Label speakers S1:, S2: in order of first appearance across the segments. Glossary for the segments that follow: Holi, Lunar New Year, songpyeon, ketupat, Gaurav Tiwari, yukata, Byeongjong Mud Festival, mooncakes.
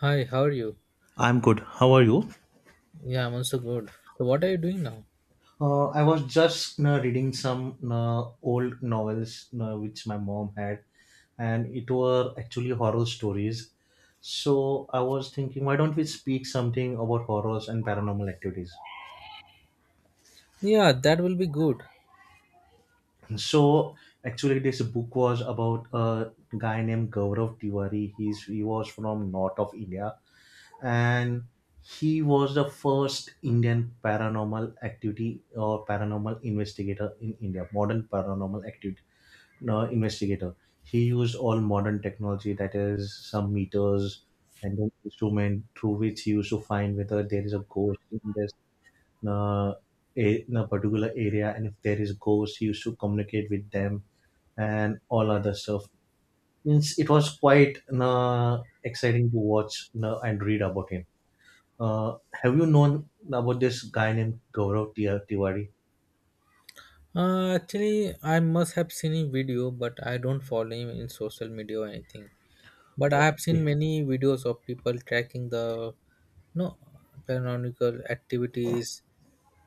S1: Hi, how are you?
S2: I'm good. How are you?
S1: Yeah, I'm also good. So, what are you doing now?
S2: I was just reading some old novels which my mom had, and it were actually horror stories. So I was thinking, why don't we speak something about horrors and paranormal activities?
S1: Yeah, that will be good.
S2: So actually, this book was about a guy named Gaurav Tiwari. He was from north of India, and he was the first Indian paranormal activity or paranormal investigator in India, modern paranormal activity no, investigator. He used all modern technology, that is, some meters and an instrument through which he used to find whether there is a ghost in this uh, a, in a particular area, and if there is a ghost, he used to communicate with them and all other stuff. Means it was quite exciting to watch and read about him. Have you known about this guy named Tiwari?
S1: Actually, I must have seen a video, but I don't follow him in social media or anything. But I have seen
S2: Okay.
S1: many videos of people tracking the no paranormal activities.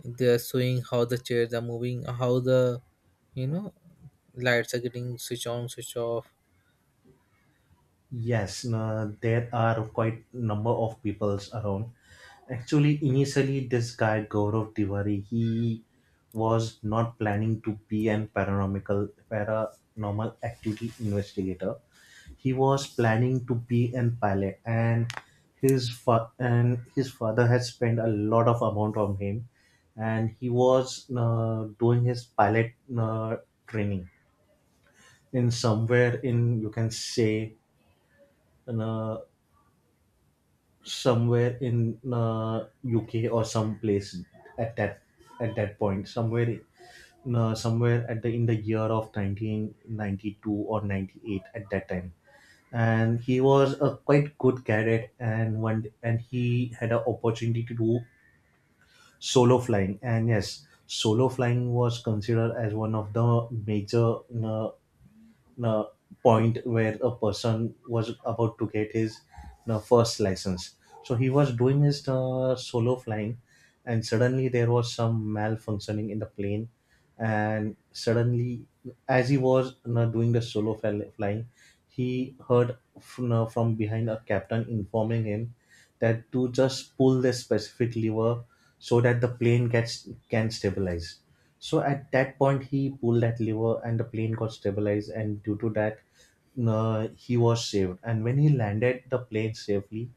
S1: They are showing how the chairs are moving, how the you know lights are getting switch on, switch off.
S2: Yes, there are quite number of peoples around. Actually, initially, this guy Gaurav Tiwari, he was not planning to be an paranormal activity investigator. He was planning to be an pilot, and his father had spent a lot of amount on him, and he was doing his pilot training in somewhere in you can say, uh, somewhere in UK or some place at that at that point somewhere, somewhere at the in the year of 1992 or 98 at that time. And he was a quite good cadet and one, and he had an opportunity to do solo flying, and yes solo flying was considered as one of the major uh, uh, point where a person was about to get his first license. So he was doing his solo flying, and suddenly there was some malfunctioning in the plane, and suddenly, as he was doing the flying, he heard from behind a captain informing him that to just pull the specific lever so that the plane gets can stabilize. So at that point, he pulled that lever, and the plane got stabilized, and due to that, he was saved. And when he landed the plane safely,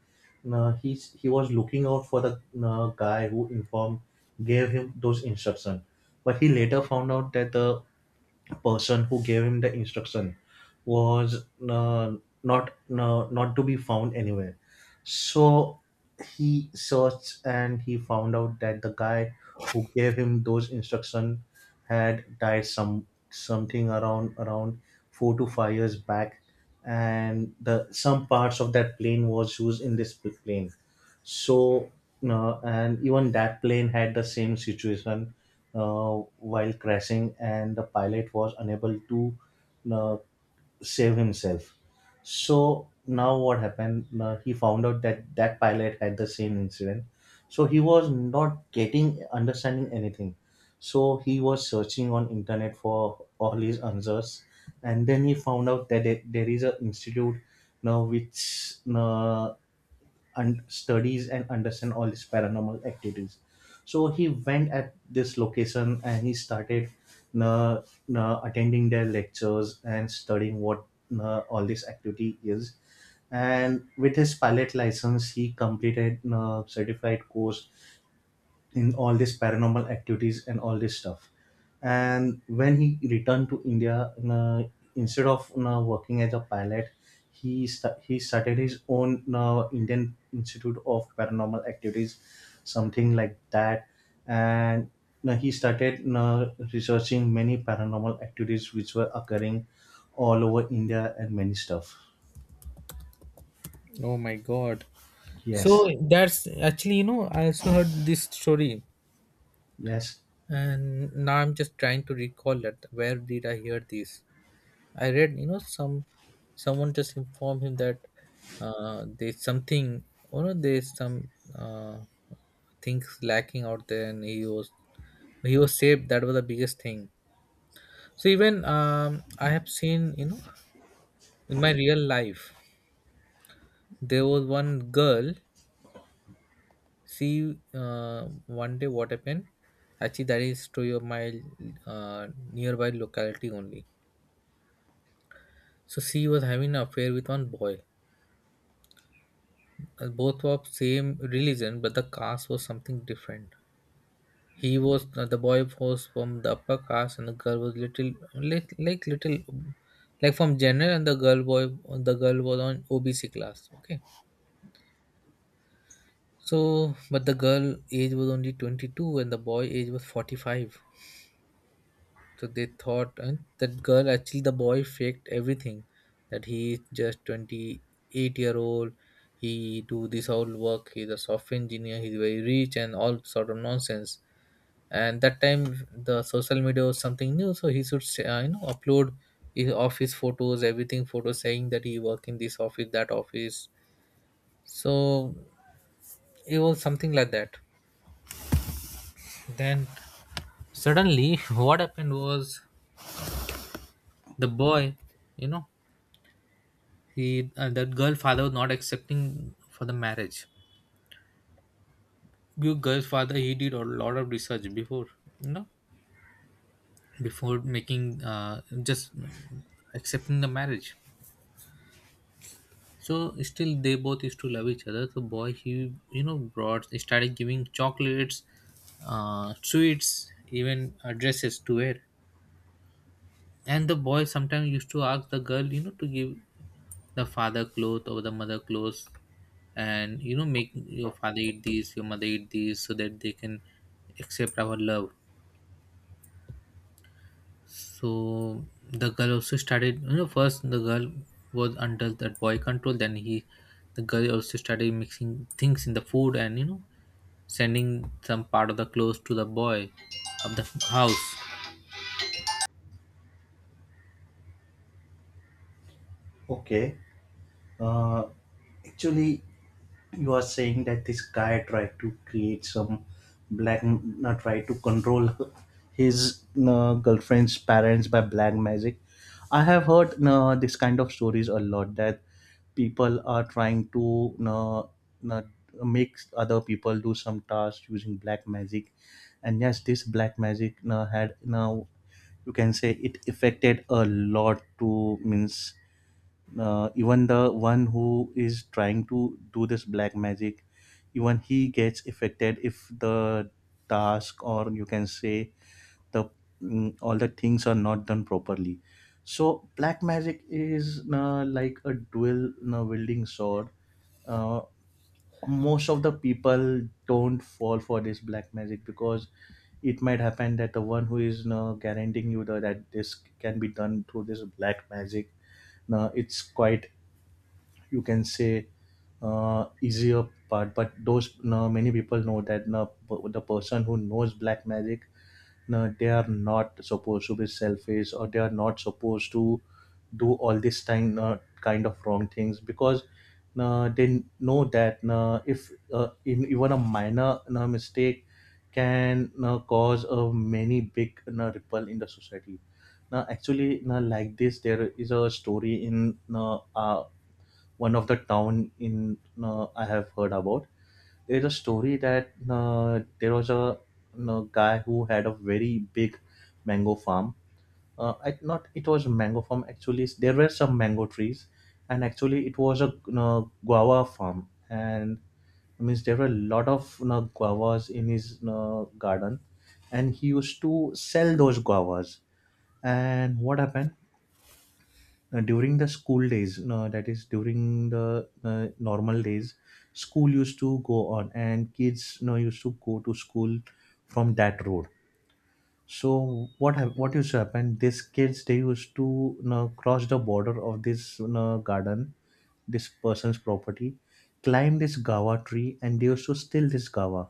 S2: he was looking out for the guy who gave him those instructions. But he later found out that the person who gave him the instruction was not to be found anywhere. So he searched and he found out that the guy who gave him those instruction had died something around 4 to 5 years back, and the some parts of that plane was used in this plane. So and even that plane had the same situation while crashing, and the pilot was unable to uh, save himself. So now what happened? He found out that that pilot had the same incident. So he was not getting understanding anything. So he was searching on internet for all his answers, and then he found out that there is an institute now which studies and understand all these paranormal activities. So he went at this location and he started uh, attending their lectures and studying what all this activity is, and with his pilot license he completed a certified course in all these paranormal activities and all this stuff. And when he returned to India, you know, instead of you know, working as a pilot, he started his own you know, Indian Institute of Paranormal Activities, something like that. And you know, he started you know, researching many paranormal activities which were occurring all over India and many stuff.
S1: Oh my god!
S2: Yes,
S1: So that's actually, I also heard this story.
S2: yes.
S1: And now I'm just trying to recall that, where did I hear this? I read, some someone just informed him that, there's something, there's some, uh, things lacking out there, and he was saved. That was the biggest thing. So even, I have seen, in my real life there was one girl. She, one day, what happened, actually, that is to your my, uh, nearby locality only. So she was having an affair with one boy. Both were of same religion, but the caste was something different. He was The boy was from the upper caste, and the girl was little like little like from general, and the girl was on OBC class. Okay, so but the girl age was only 22, and the boy age was 45. So they thought, that girl, actually, the boy faked everything, that he is just 28-year old, he do this whole work, he's a software engineer, he's very rich and all sort of nonsense. And that time the social media was something new, so he should say, upload his office photos, everything photos, saying that he work in this office, that office. So it was something like that. Then suddenly what happened was the boy, you know he, that girl father was not accepting for the marriage. Your girl's father, he did a lot of research before, you know before making, just accepting the marriage. So still they both used to love each other, so boy he, you know brought started giving chocolates, sweets, even, dresses to wear. And the boy sometimes used to ask the girl, to give the father clothes or the mother clothes, and, make your father eat these, your mother eat these, so that they can accept our love. So the girl also started, first the girl was under that boy control, the girl also started mixing things in the food, and, sending some part of the clothes to the boy of the house.
S2: Okay. Uh, Actually, you are saying that this guy tried to create some black tried to control his girlfriend's parents by black magic. I have heard this kind of stories a lot that people are trying to uh, make other people do some tasks using black magic. And yes this black magic had now you can say it affected a lot to means, even the one who is trying to do this black magic, even he gets affected if the task or you can say the all the things are not done properly. So black magic is like a dual wielding sword. uh, Most of the people don't fall for this black magic because it might happen that the one who is guaranteeing you that this can be done through this black magic no, it's quite, you can say, easier part. But those no, many people know that no, p- the person who knows black magic no, they are not supposed to be selfish or they are not supposed to do all this time kind of wrong things because they know that if in, even a minor mistake can cause a many big ripple in the society. Now actually now like this there is a story in one of the town in I have heard about. There's a story that there was a you guy who had a very big mango farm. Not it was mango farm actually. There were some mango trees, and actually it was a you guava farm. And means there were a lot of you know, guavas in his you know, garden, and he used to sell those guavas. And what happened? During the school days no, that is during the normal days, school used to go on and kids no used to go to school from that road. So what used to happen, these kids they used to no cross the border of this you garden, this person's property, climb this gawa tree and they used to steal this gawa.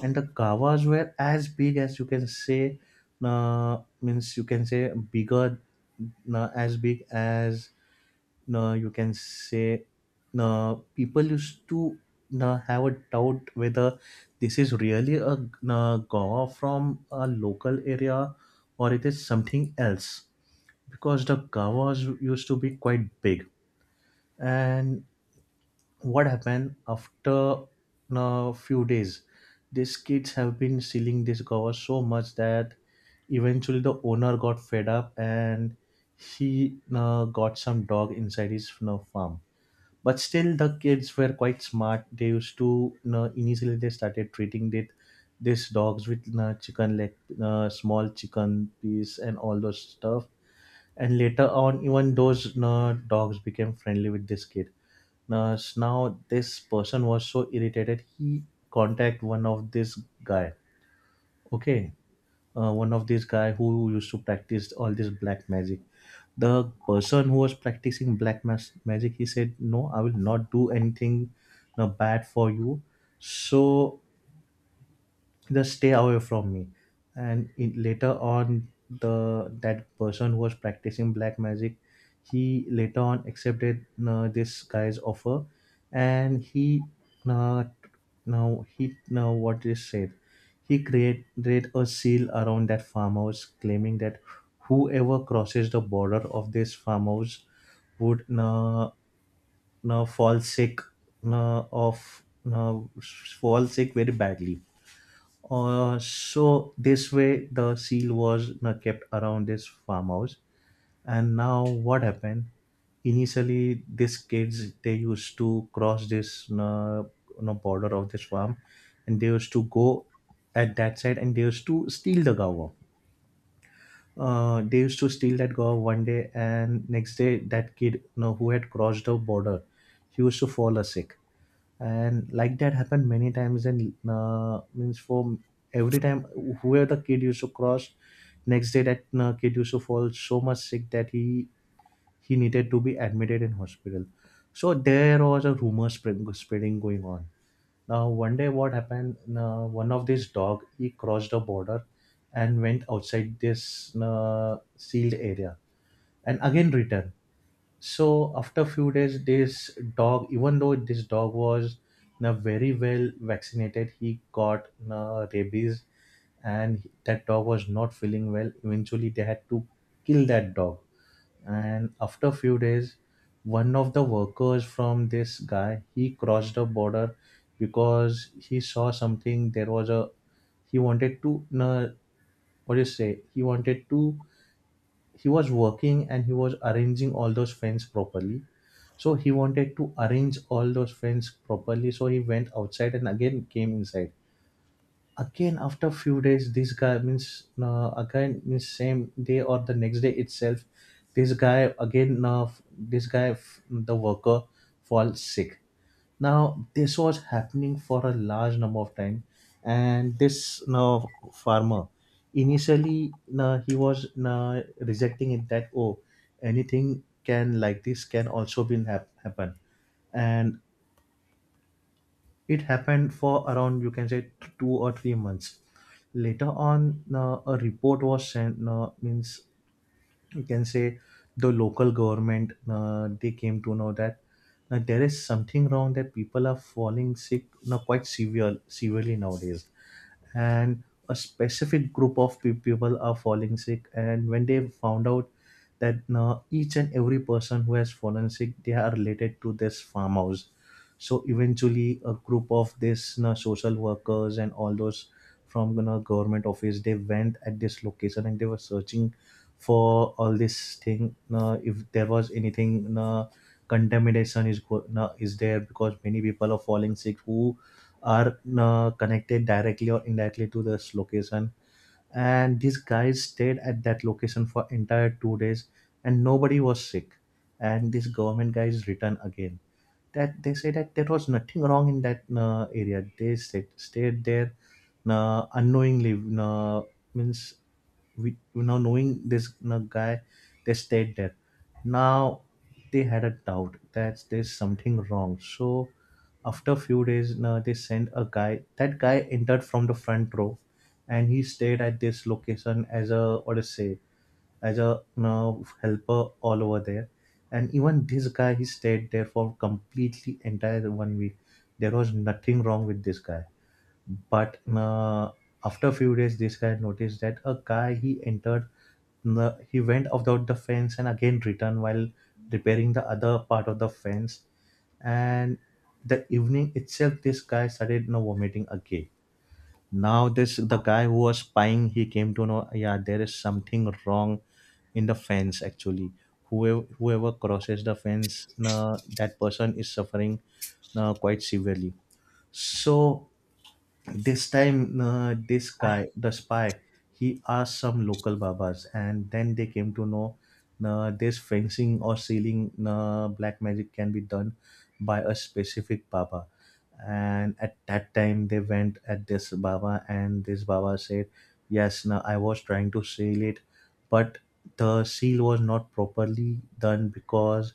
S2: And the gawas were as big as you can say, means you can say bigger, as big as, you can say, people used to have a doubt whether this is really a gawa from a local area or it is something else, because the gawas used to be quite big. And what happened, after a few days, these kids have been stealing this gawa so much that eventually the owner got fed up, and he got some dog inside his you know, farm. But still the kids were quite smart, they used to you know, initially they started treating it, these dogs with you know, chicken leg, small chicken piece and all those stuff. And later on even those you know, dogs became friendly with this kid. Now this person was so irritated, he contact one of this guy, okay, one of this guy who used to practice all this black magic. The person who was practicing magic, he said no I will not do anything bad for you, so just stay away from me. Later on, the that person who was practicing black magic, he later on accepted this guy's offer. And he uh, now he now what is said, he created a seal around that farmhouse claiming that whoever crosses the border of this farmhouse would fall sick of uh, fall sick very badly. So this way the seal was kept around this farmhouse. And now what happened, initially these kids they used to cross this you know, border of this farm, and they used to go at that side and they used to steal the gawa. They used to steal that gawa one day, and next day that kid you know, who had crossed the border, he used to fall a sick. And like that happened many times, and means for every time whoever the kid used to cross, next day that kid used to fall so much sick that he needed to be admitted in hospital. So there was a rumor spreading going on. Now one day what happened, one of this dog he crossed the border and went outside this sealed area and again returned. So after a few days, this dog, even though this dog was na very well vaccinated, he got na rabies, and that dog was not feeling well. Eventually, they had to kill that dog. And after a few days, one of the workers from this guy he crossed the border, because he saw something. There was a, he wanted to na, what do you say? He wanted to, he was working and he was arranging all those fence properly. So he wanted to arrange all those fence properly. So he went outside and again came inside. Again after few days, this guy means again means same day or the next day itself, this guy again f- this guy f- the worker falls sick. Now this was happening for a large number of time, and this now farmer initially now he was now rejecting it that, oh, anything can, like, this can also be happen, and it happened for around, you can say, 2 or 3 months. Later on, now a report was sent. Now means you can say the local government, they came to know that there is something wrong, that people are falling sick now quite severely nowadays, and a specific group of people are falling sick. And when they found out that now each and every person who has fallen sick, they are related to this farmhouse, so eventually a group of this, you know, social workers and all those from, you know, government office, they went at this location and they were searching for all this thing, if there was anything, contamination is there, because many people are falling sick who are connected directly or indirectly to this location. And these guys stayed at that location for entire 2 days and nobody was sick, and this government guys returned again, that they say that there was nothing wrong in that area. They stayed there unknowingly. Uh, Means we now knowing this guy, they stayed there. Now they had a doubt that there's something wrong. So after a few days, they sent a guy. That guy entered from the front row, and he stayed at this location as, a what to say, as, a you know, helper all over there. And even this guy, he stayed there for completely entire one week. There was nothing wrong with this guy. But after a few days, this guy noticed that a guy he entered, he went without the fence and again returned while repairing the other part of the fence. And the evening itself, this guy started, you know, vomiting again. Now this the guy who was spying, he came to know, yeah, there is something wrong in the fence actually. Whoever crosses the fence, that person is suffering quite severely. So this time, this guy, the spy, he asked some local babas, and then they came to know this fencing or sealing, black magic can be done by a specific baba. And at that time, they went at this baba, and this baba said, "Yes, no, I was trying to seal it, but the seal was not properly done because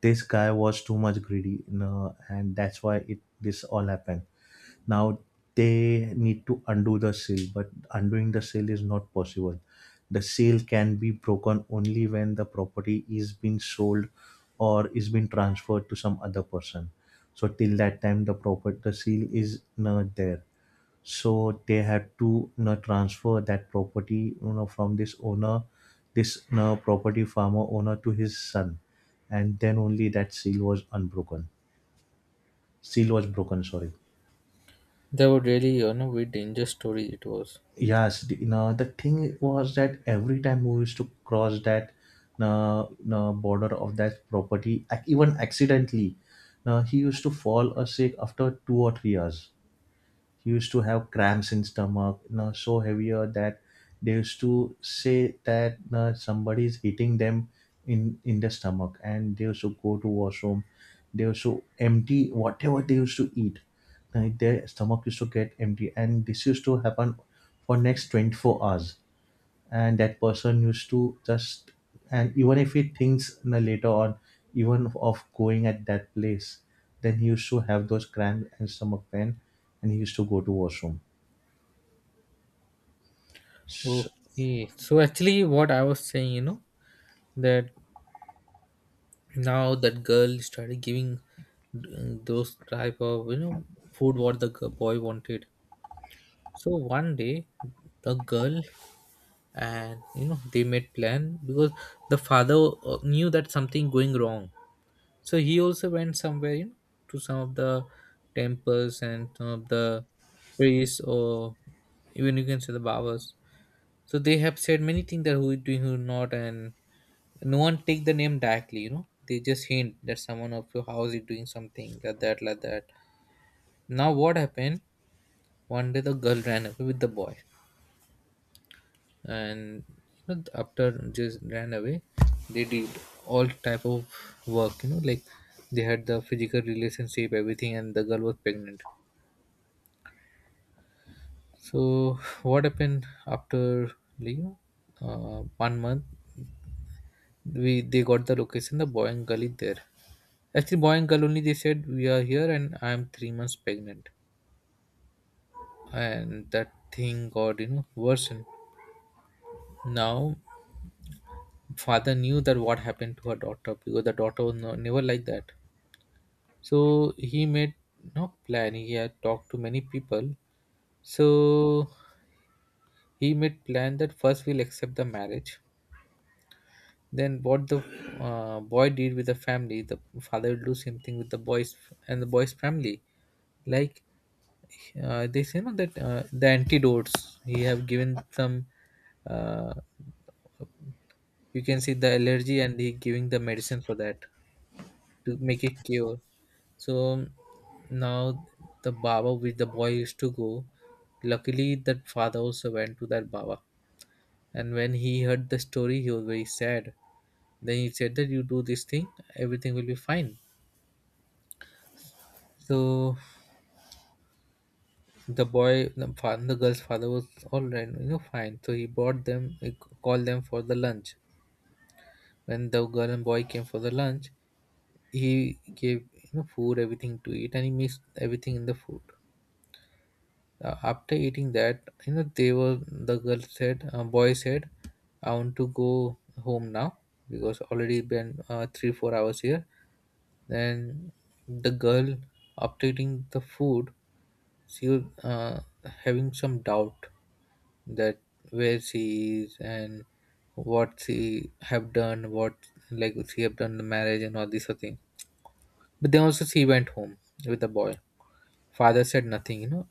S2: this guy was too much greedy, no, and that's why it this all happened." Now they need to undo the sale, but undoing the sale is not possible. The sale can be broken only when the property is being sold or is being transferred to some other person. So till that time the property, the sale is not there. So they have to, you know, transfer that property, you know, from this owner, this, you know, property farmer owner, to his son, and then only that seal was unbroken. Seal was broken, sorry.
S1: That was really, very dangerous story it was.
S2: Yes, you know, the thing was that every time we used to cross that uh, border of that property, even accidentally, he used to fall or sick. After 2 or 3 years, he used to have cramps in stomach, you know, so heavier that they used to say that, you know, somebody is hitting them in the stomach, and they used to go to washroom. They used to empty whatever they used to eat. Like, their stomach used to get empty, and this used to happen for next 24 hours. And that person used to just, and even if he thinks, you know, later on, even of going at that place, then he used to have those cramp and stomach pain, and he used to go to washroom. So,
S1: Okay, so actually, what I was saying, that now that girl started giving, those type of, food what the boy wanted. So one day, the girl and, they made plan, because the father, knew that something going wrong. So he also went somewhere, you know, to some of the temples and some of the priests, or even you can say the barbers. So they have said many things, that who is doing, who not, and no one take the name directly, you know. They just hint that someone of your house is doing something like that, like that. Now what happened? One day the girl ran away with the boy, and, after just ran away, they did all type of work, you know, like they had the physical relationship, everything, and the girl was pregnant. So what happened after, like, one month? We they got the location. The boy and girl is there. Actually, boy and girl only. They said we are here, and I am 3 months pregnant, and that thing got, worsened. Now, father knew that what happened to her daughter, because the daughter was no, never like that. So he made no plan. He had talked to many people. So he made plan that first we'll accept the marriage. Then what the, boy did with the family, the father will do same thing with the boys and the boy's family. Like, they say no that, the antidotes he have given some, uh, you can see the allergy, and he giving the medicine for that, to make it cure. So now the baba with the boy used to go, luckily that father also went to that baba, and when he heard the story he was very sad. Then he said that you do this thing, everything will be fine. So the girl's father was all right, you know, fine. So he brought them, called them for the lunch. When the girl and boy came for the lunch, he gave, food, everything to eat, and he mixed everything in the food. After eating that, they were, the girl said boy said, "I want to go home now, because already been, 3-4 hours here." Then the girl, after eating the food, she was, uh, having some doubt, that where she is and what she have done, what, like she have done the marriage and all this sort of thing. But then also she went home with the boy. Father said nothing.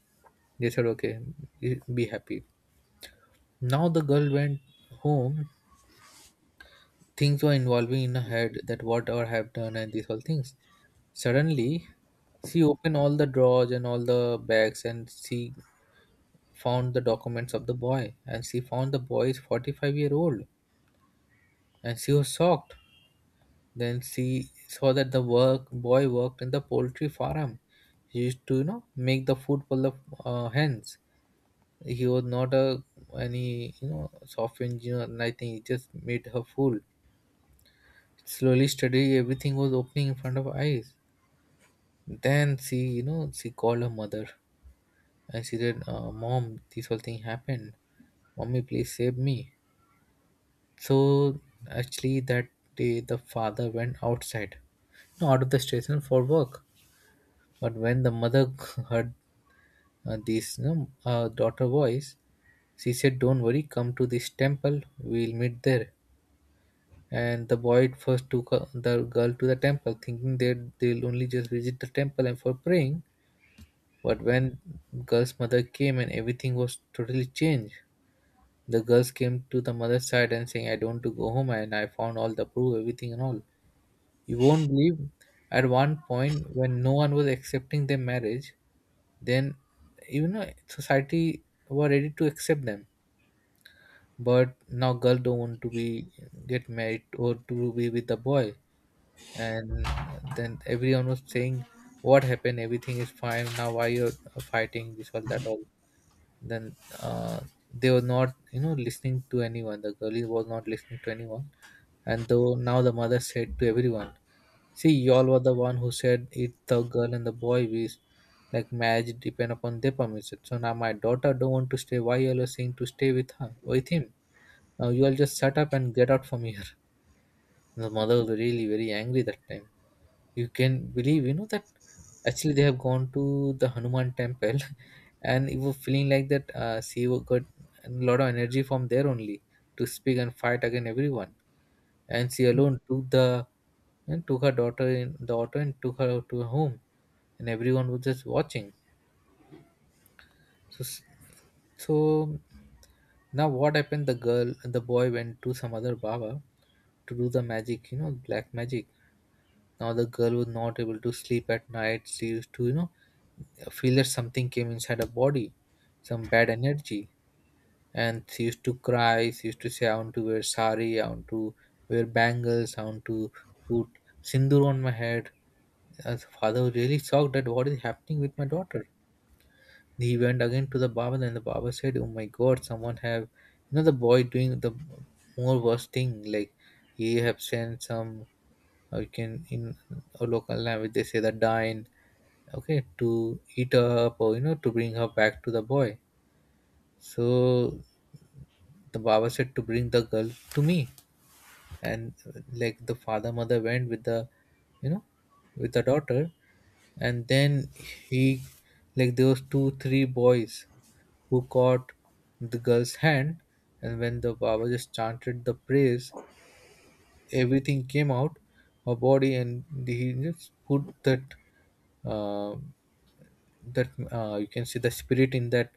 S1: They said, okay, be happy. Now the girl went home. Things were involving in her head, that what I have done and these all things. Suddenly, she opened all the drawers and all the bags, and she found the documents of the boy. And she found the boy is 45-year-old. And she was shocked. Then she saw that the work boy worked in the poultry farm. He used to, you know, make the food for the, hens. He was not a any, you know, soft engineer, and I think he just made her fool. Slowly, steadily, everything was opening in front of her eyes. Then she, you know, she called her mother, and she said, "Mom, this whole thing happened. Mommy, please save me." So actually, that day the father went outside, you know, out of the station for work. But when the mother heard, this, daughter voice, she said, "Don't worry, come to this temple, we'll meet there." And the boy at first the girl to the temple, thinking that they'll only just visit the temple and for praying. But when girl's mother came and everything was totally changed, the girls came to the mother's side and saying, "I don't want to go home, and I found all the proof, everything and all." You won't believe. At one point, when no one was accepting their marriage, then, you know, society were ready to accept them. But now girl don't want to be get married or to be with the boy. And, then everyone was saying, what happened, everything is fine now, why you're, fighting this all that all? Then, uh, they were not, listening to anyone, the girlie was not listening to anyone. And though now the mother said to everyone, see y'all were the one who said it, the girl and the boy we, like marriage depend upon their permission, so now my daughter don't want to stay, why y'all are saying to stay with her, with him? Now you all just shut up and get out from here. The mother was really very angry that time, you can believe, you know, that actually they have gone to the Hanuman temple. And you were feeling like that, she got a lot of energy from there only, to speak and fight against everyone. And she alone took the, and took her daughter in the auto and took her to her home, and everyone was just watching. So So now what happened, the boy went to some other baba to do the magic you know black magic. Now the girl was not able to sleep at night. She used to, you know, feel that something came inside her body, some bad energy. And she used to cry. She used to say, "I want to wear sari, I want to wear bangles, I want to put sindoor on my head." As father was really shocked that what is happening with my daughter. He went again to the Baba, and the Baba said, "Oh my god, someone have, the boy doing the more worse thing, like he have sent some, you can in a local language they say the dine, okay, to eat her up, or, you know, to bring her back to the boy." So the baba said to bring the girl to me. And, like the father mother went with the, you know with the daughter. And then he like there was two three boys who caught the girl's hand. And when the baba just chanted the praise, everything came out her body. And he just put that, uh, you can see the spirit in that,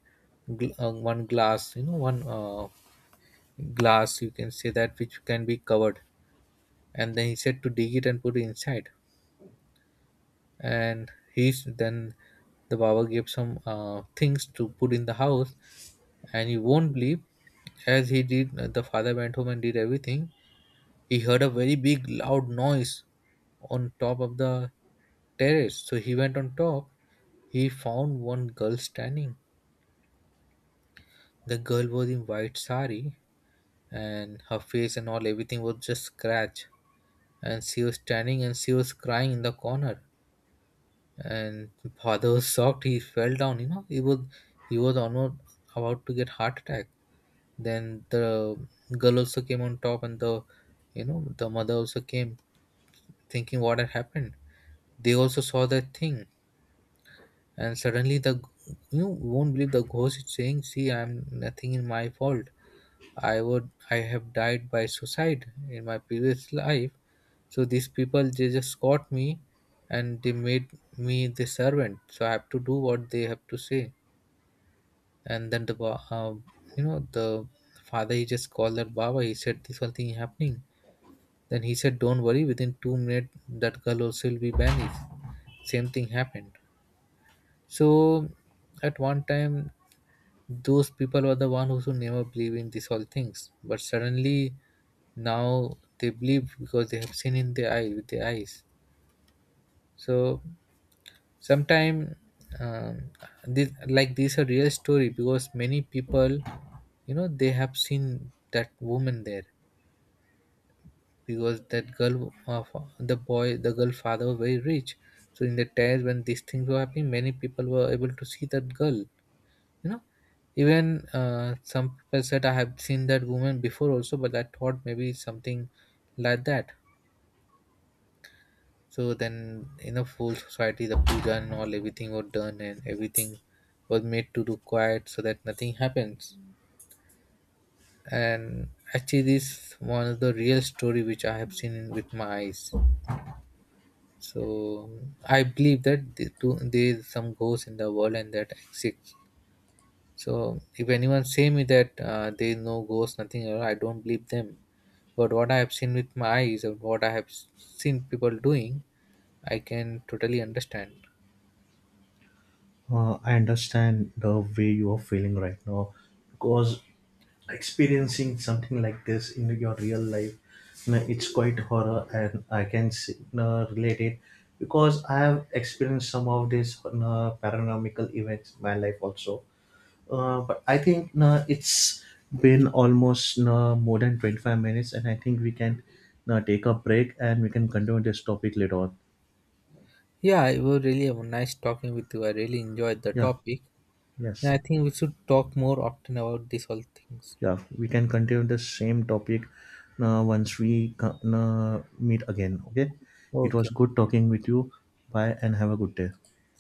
S1: one glass, you know one glass you can say, that which can be covered. And then he said to dig it and put it inside. And he's then the baba gave some, things to put in the house. And you won't believe, as he did, the father went home and did everything. He heard a very big loud noise on top of the terrace, so he went on top. He found one girl standing. The girl was in white sari, and her face and all everything was just scratch. And she was standing and she was crying in the corner. And father was shocked, he fell down, you know, he was, he was almost about to get heart attack. Then the girl also came on top, and the you know the mother also came, thinking what had happened. They also saw that thing. And suddenly the you won't believe, the ghost is saying, "See, I'm nothing in my fault. I would, I have died by suicide in my previous life. So these people they just caught me and they made me the servant. So I have to do what they have to say." And then the ba- you know the father, he just called that Baba. He said this one thing happening. Then he said, "Don't worry. Within 2 minutes, that girl also will be banished." Same thing happened. So at one time, those people were the one who should never believe in these all things. But suddenly now they believe, because they have seen in their eye, with their eyes. So sometime, um, this like these are real story, because many people, you know, they have seen that woman there. Because that girl of the boy, the girl father were very rich, so in the times when these things were happening, many people were able to see that girl, you know. Even, some people said, "I have seen that woman before also, but I thought maybe it's something like that." So then, in a full society, the puja and all everything was done, and everything was made to do quiet, so that nothing happens. And actually, this one of the real story which I have seen with my eyes. So I believe that there is some ghost in the world and that exists. So if anyone say me that, there is no ghost, nothing, at all, I don't believe them. But what I have seen with my eyes and what I have seen people doing, I can totally understand.
S2: I understand the way you are feeling right now, because experiencing something like this in your real life, you know, it's quite horror, and I can see, you know, relate it, because I have experienced some of these, you know, paranormal events in my life also. But I think it's been almost, more than 25 minutes, and I think we can take a break and we can continue this topic later on.
S1: Yeah, it was really a nice talking with you. I really enjoyed the
S2: Yeah,
S1: topic, and
S2: yes,
S1: I think we should talk more often about these all things.
S2: yeah, we can continue the same topic once we meet again. Okay, it was
S1: Okay.
S2: good talking with you. Bye, and have a good day.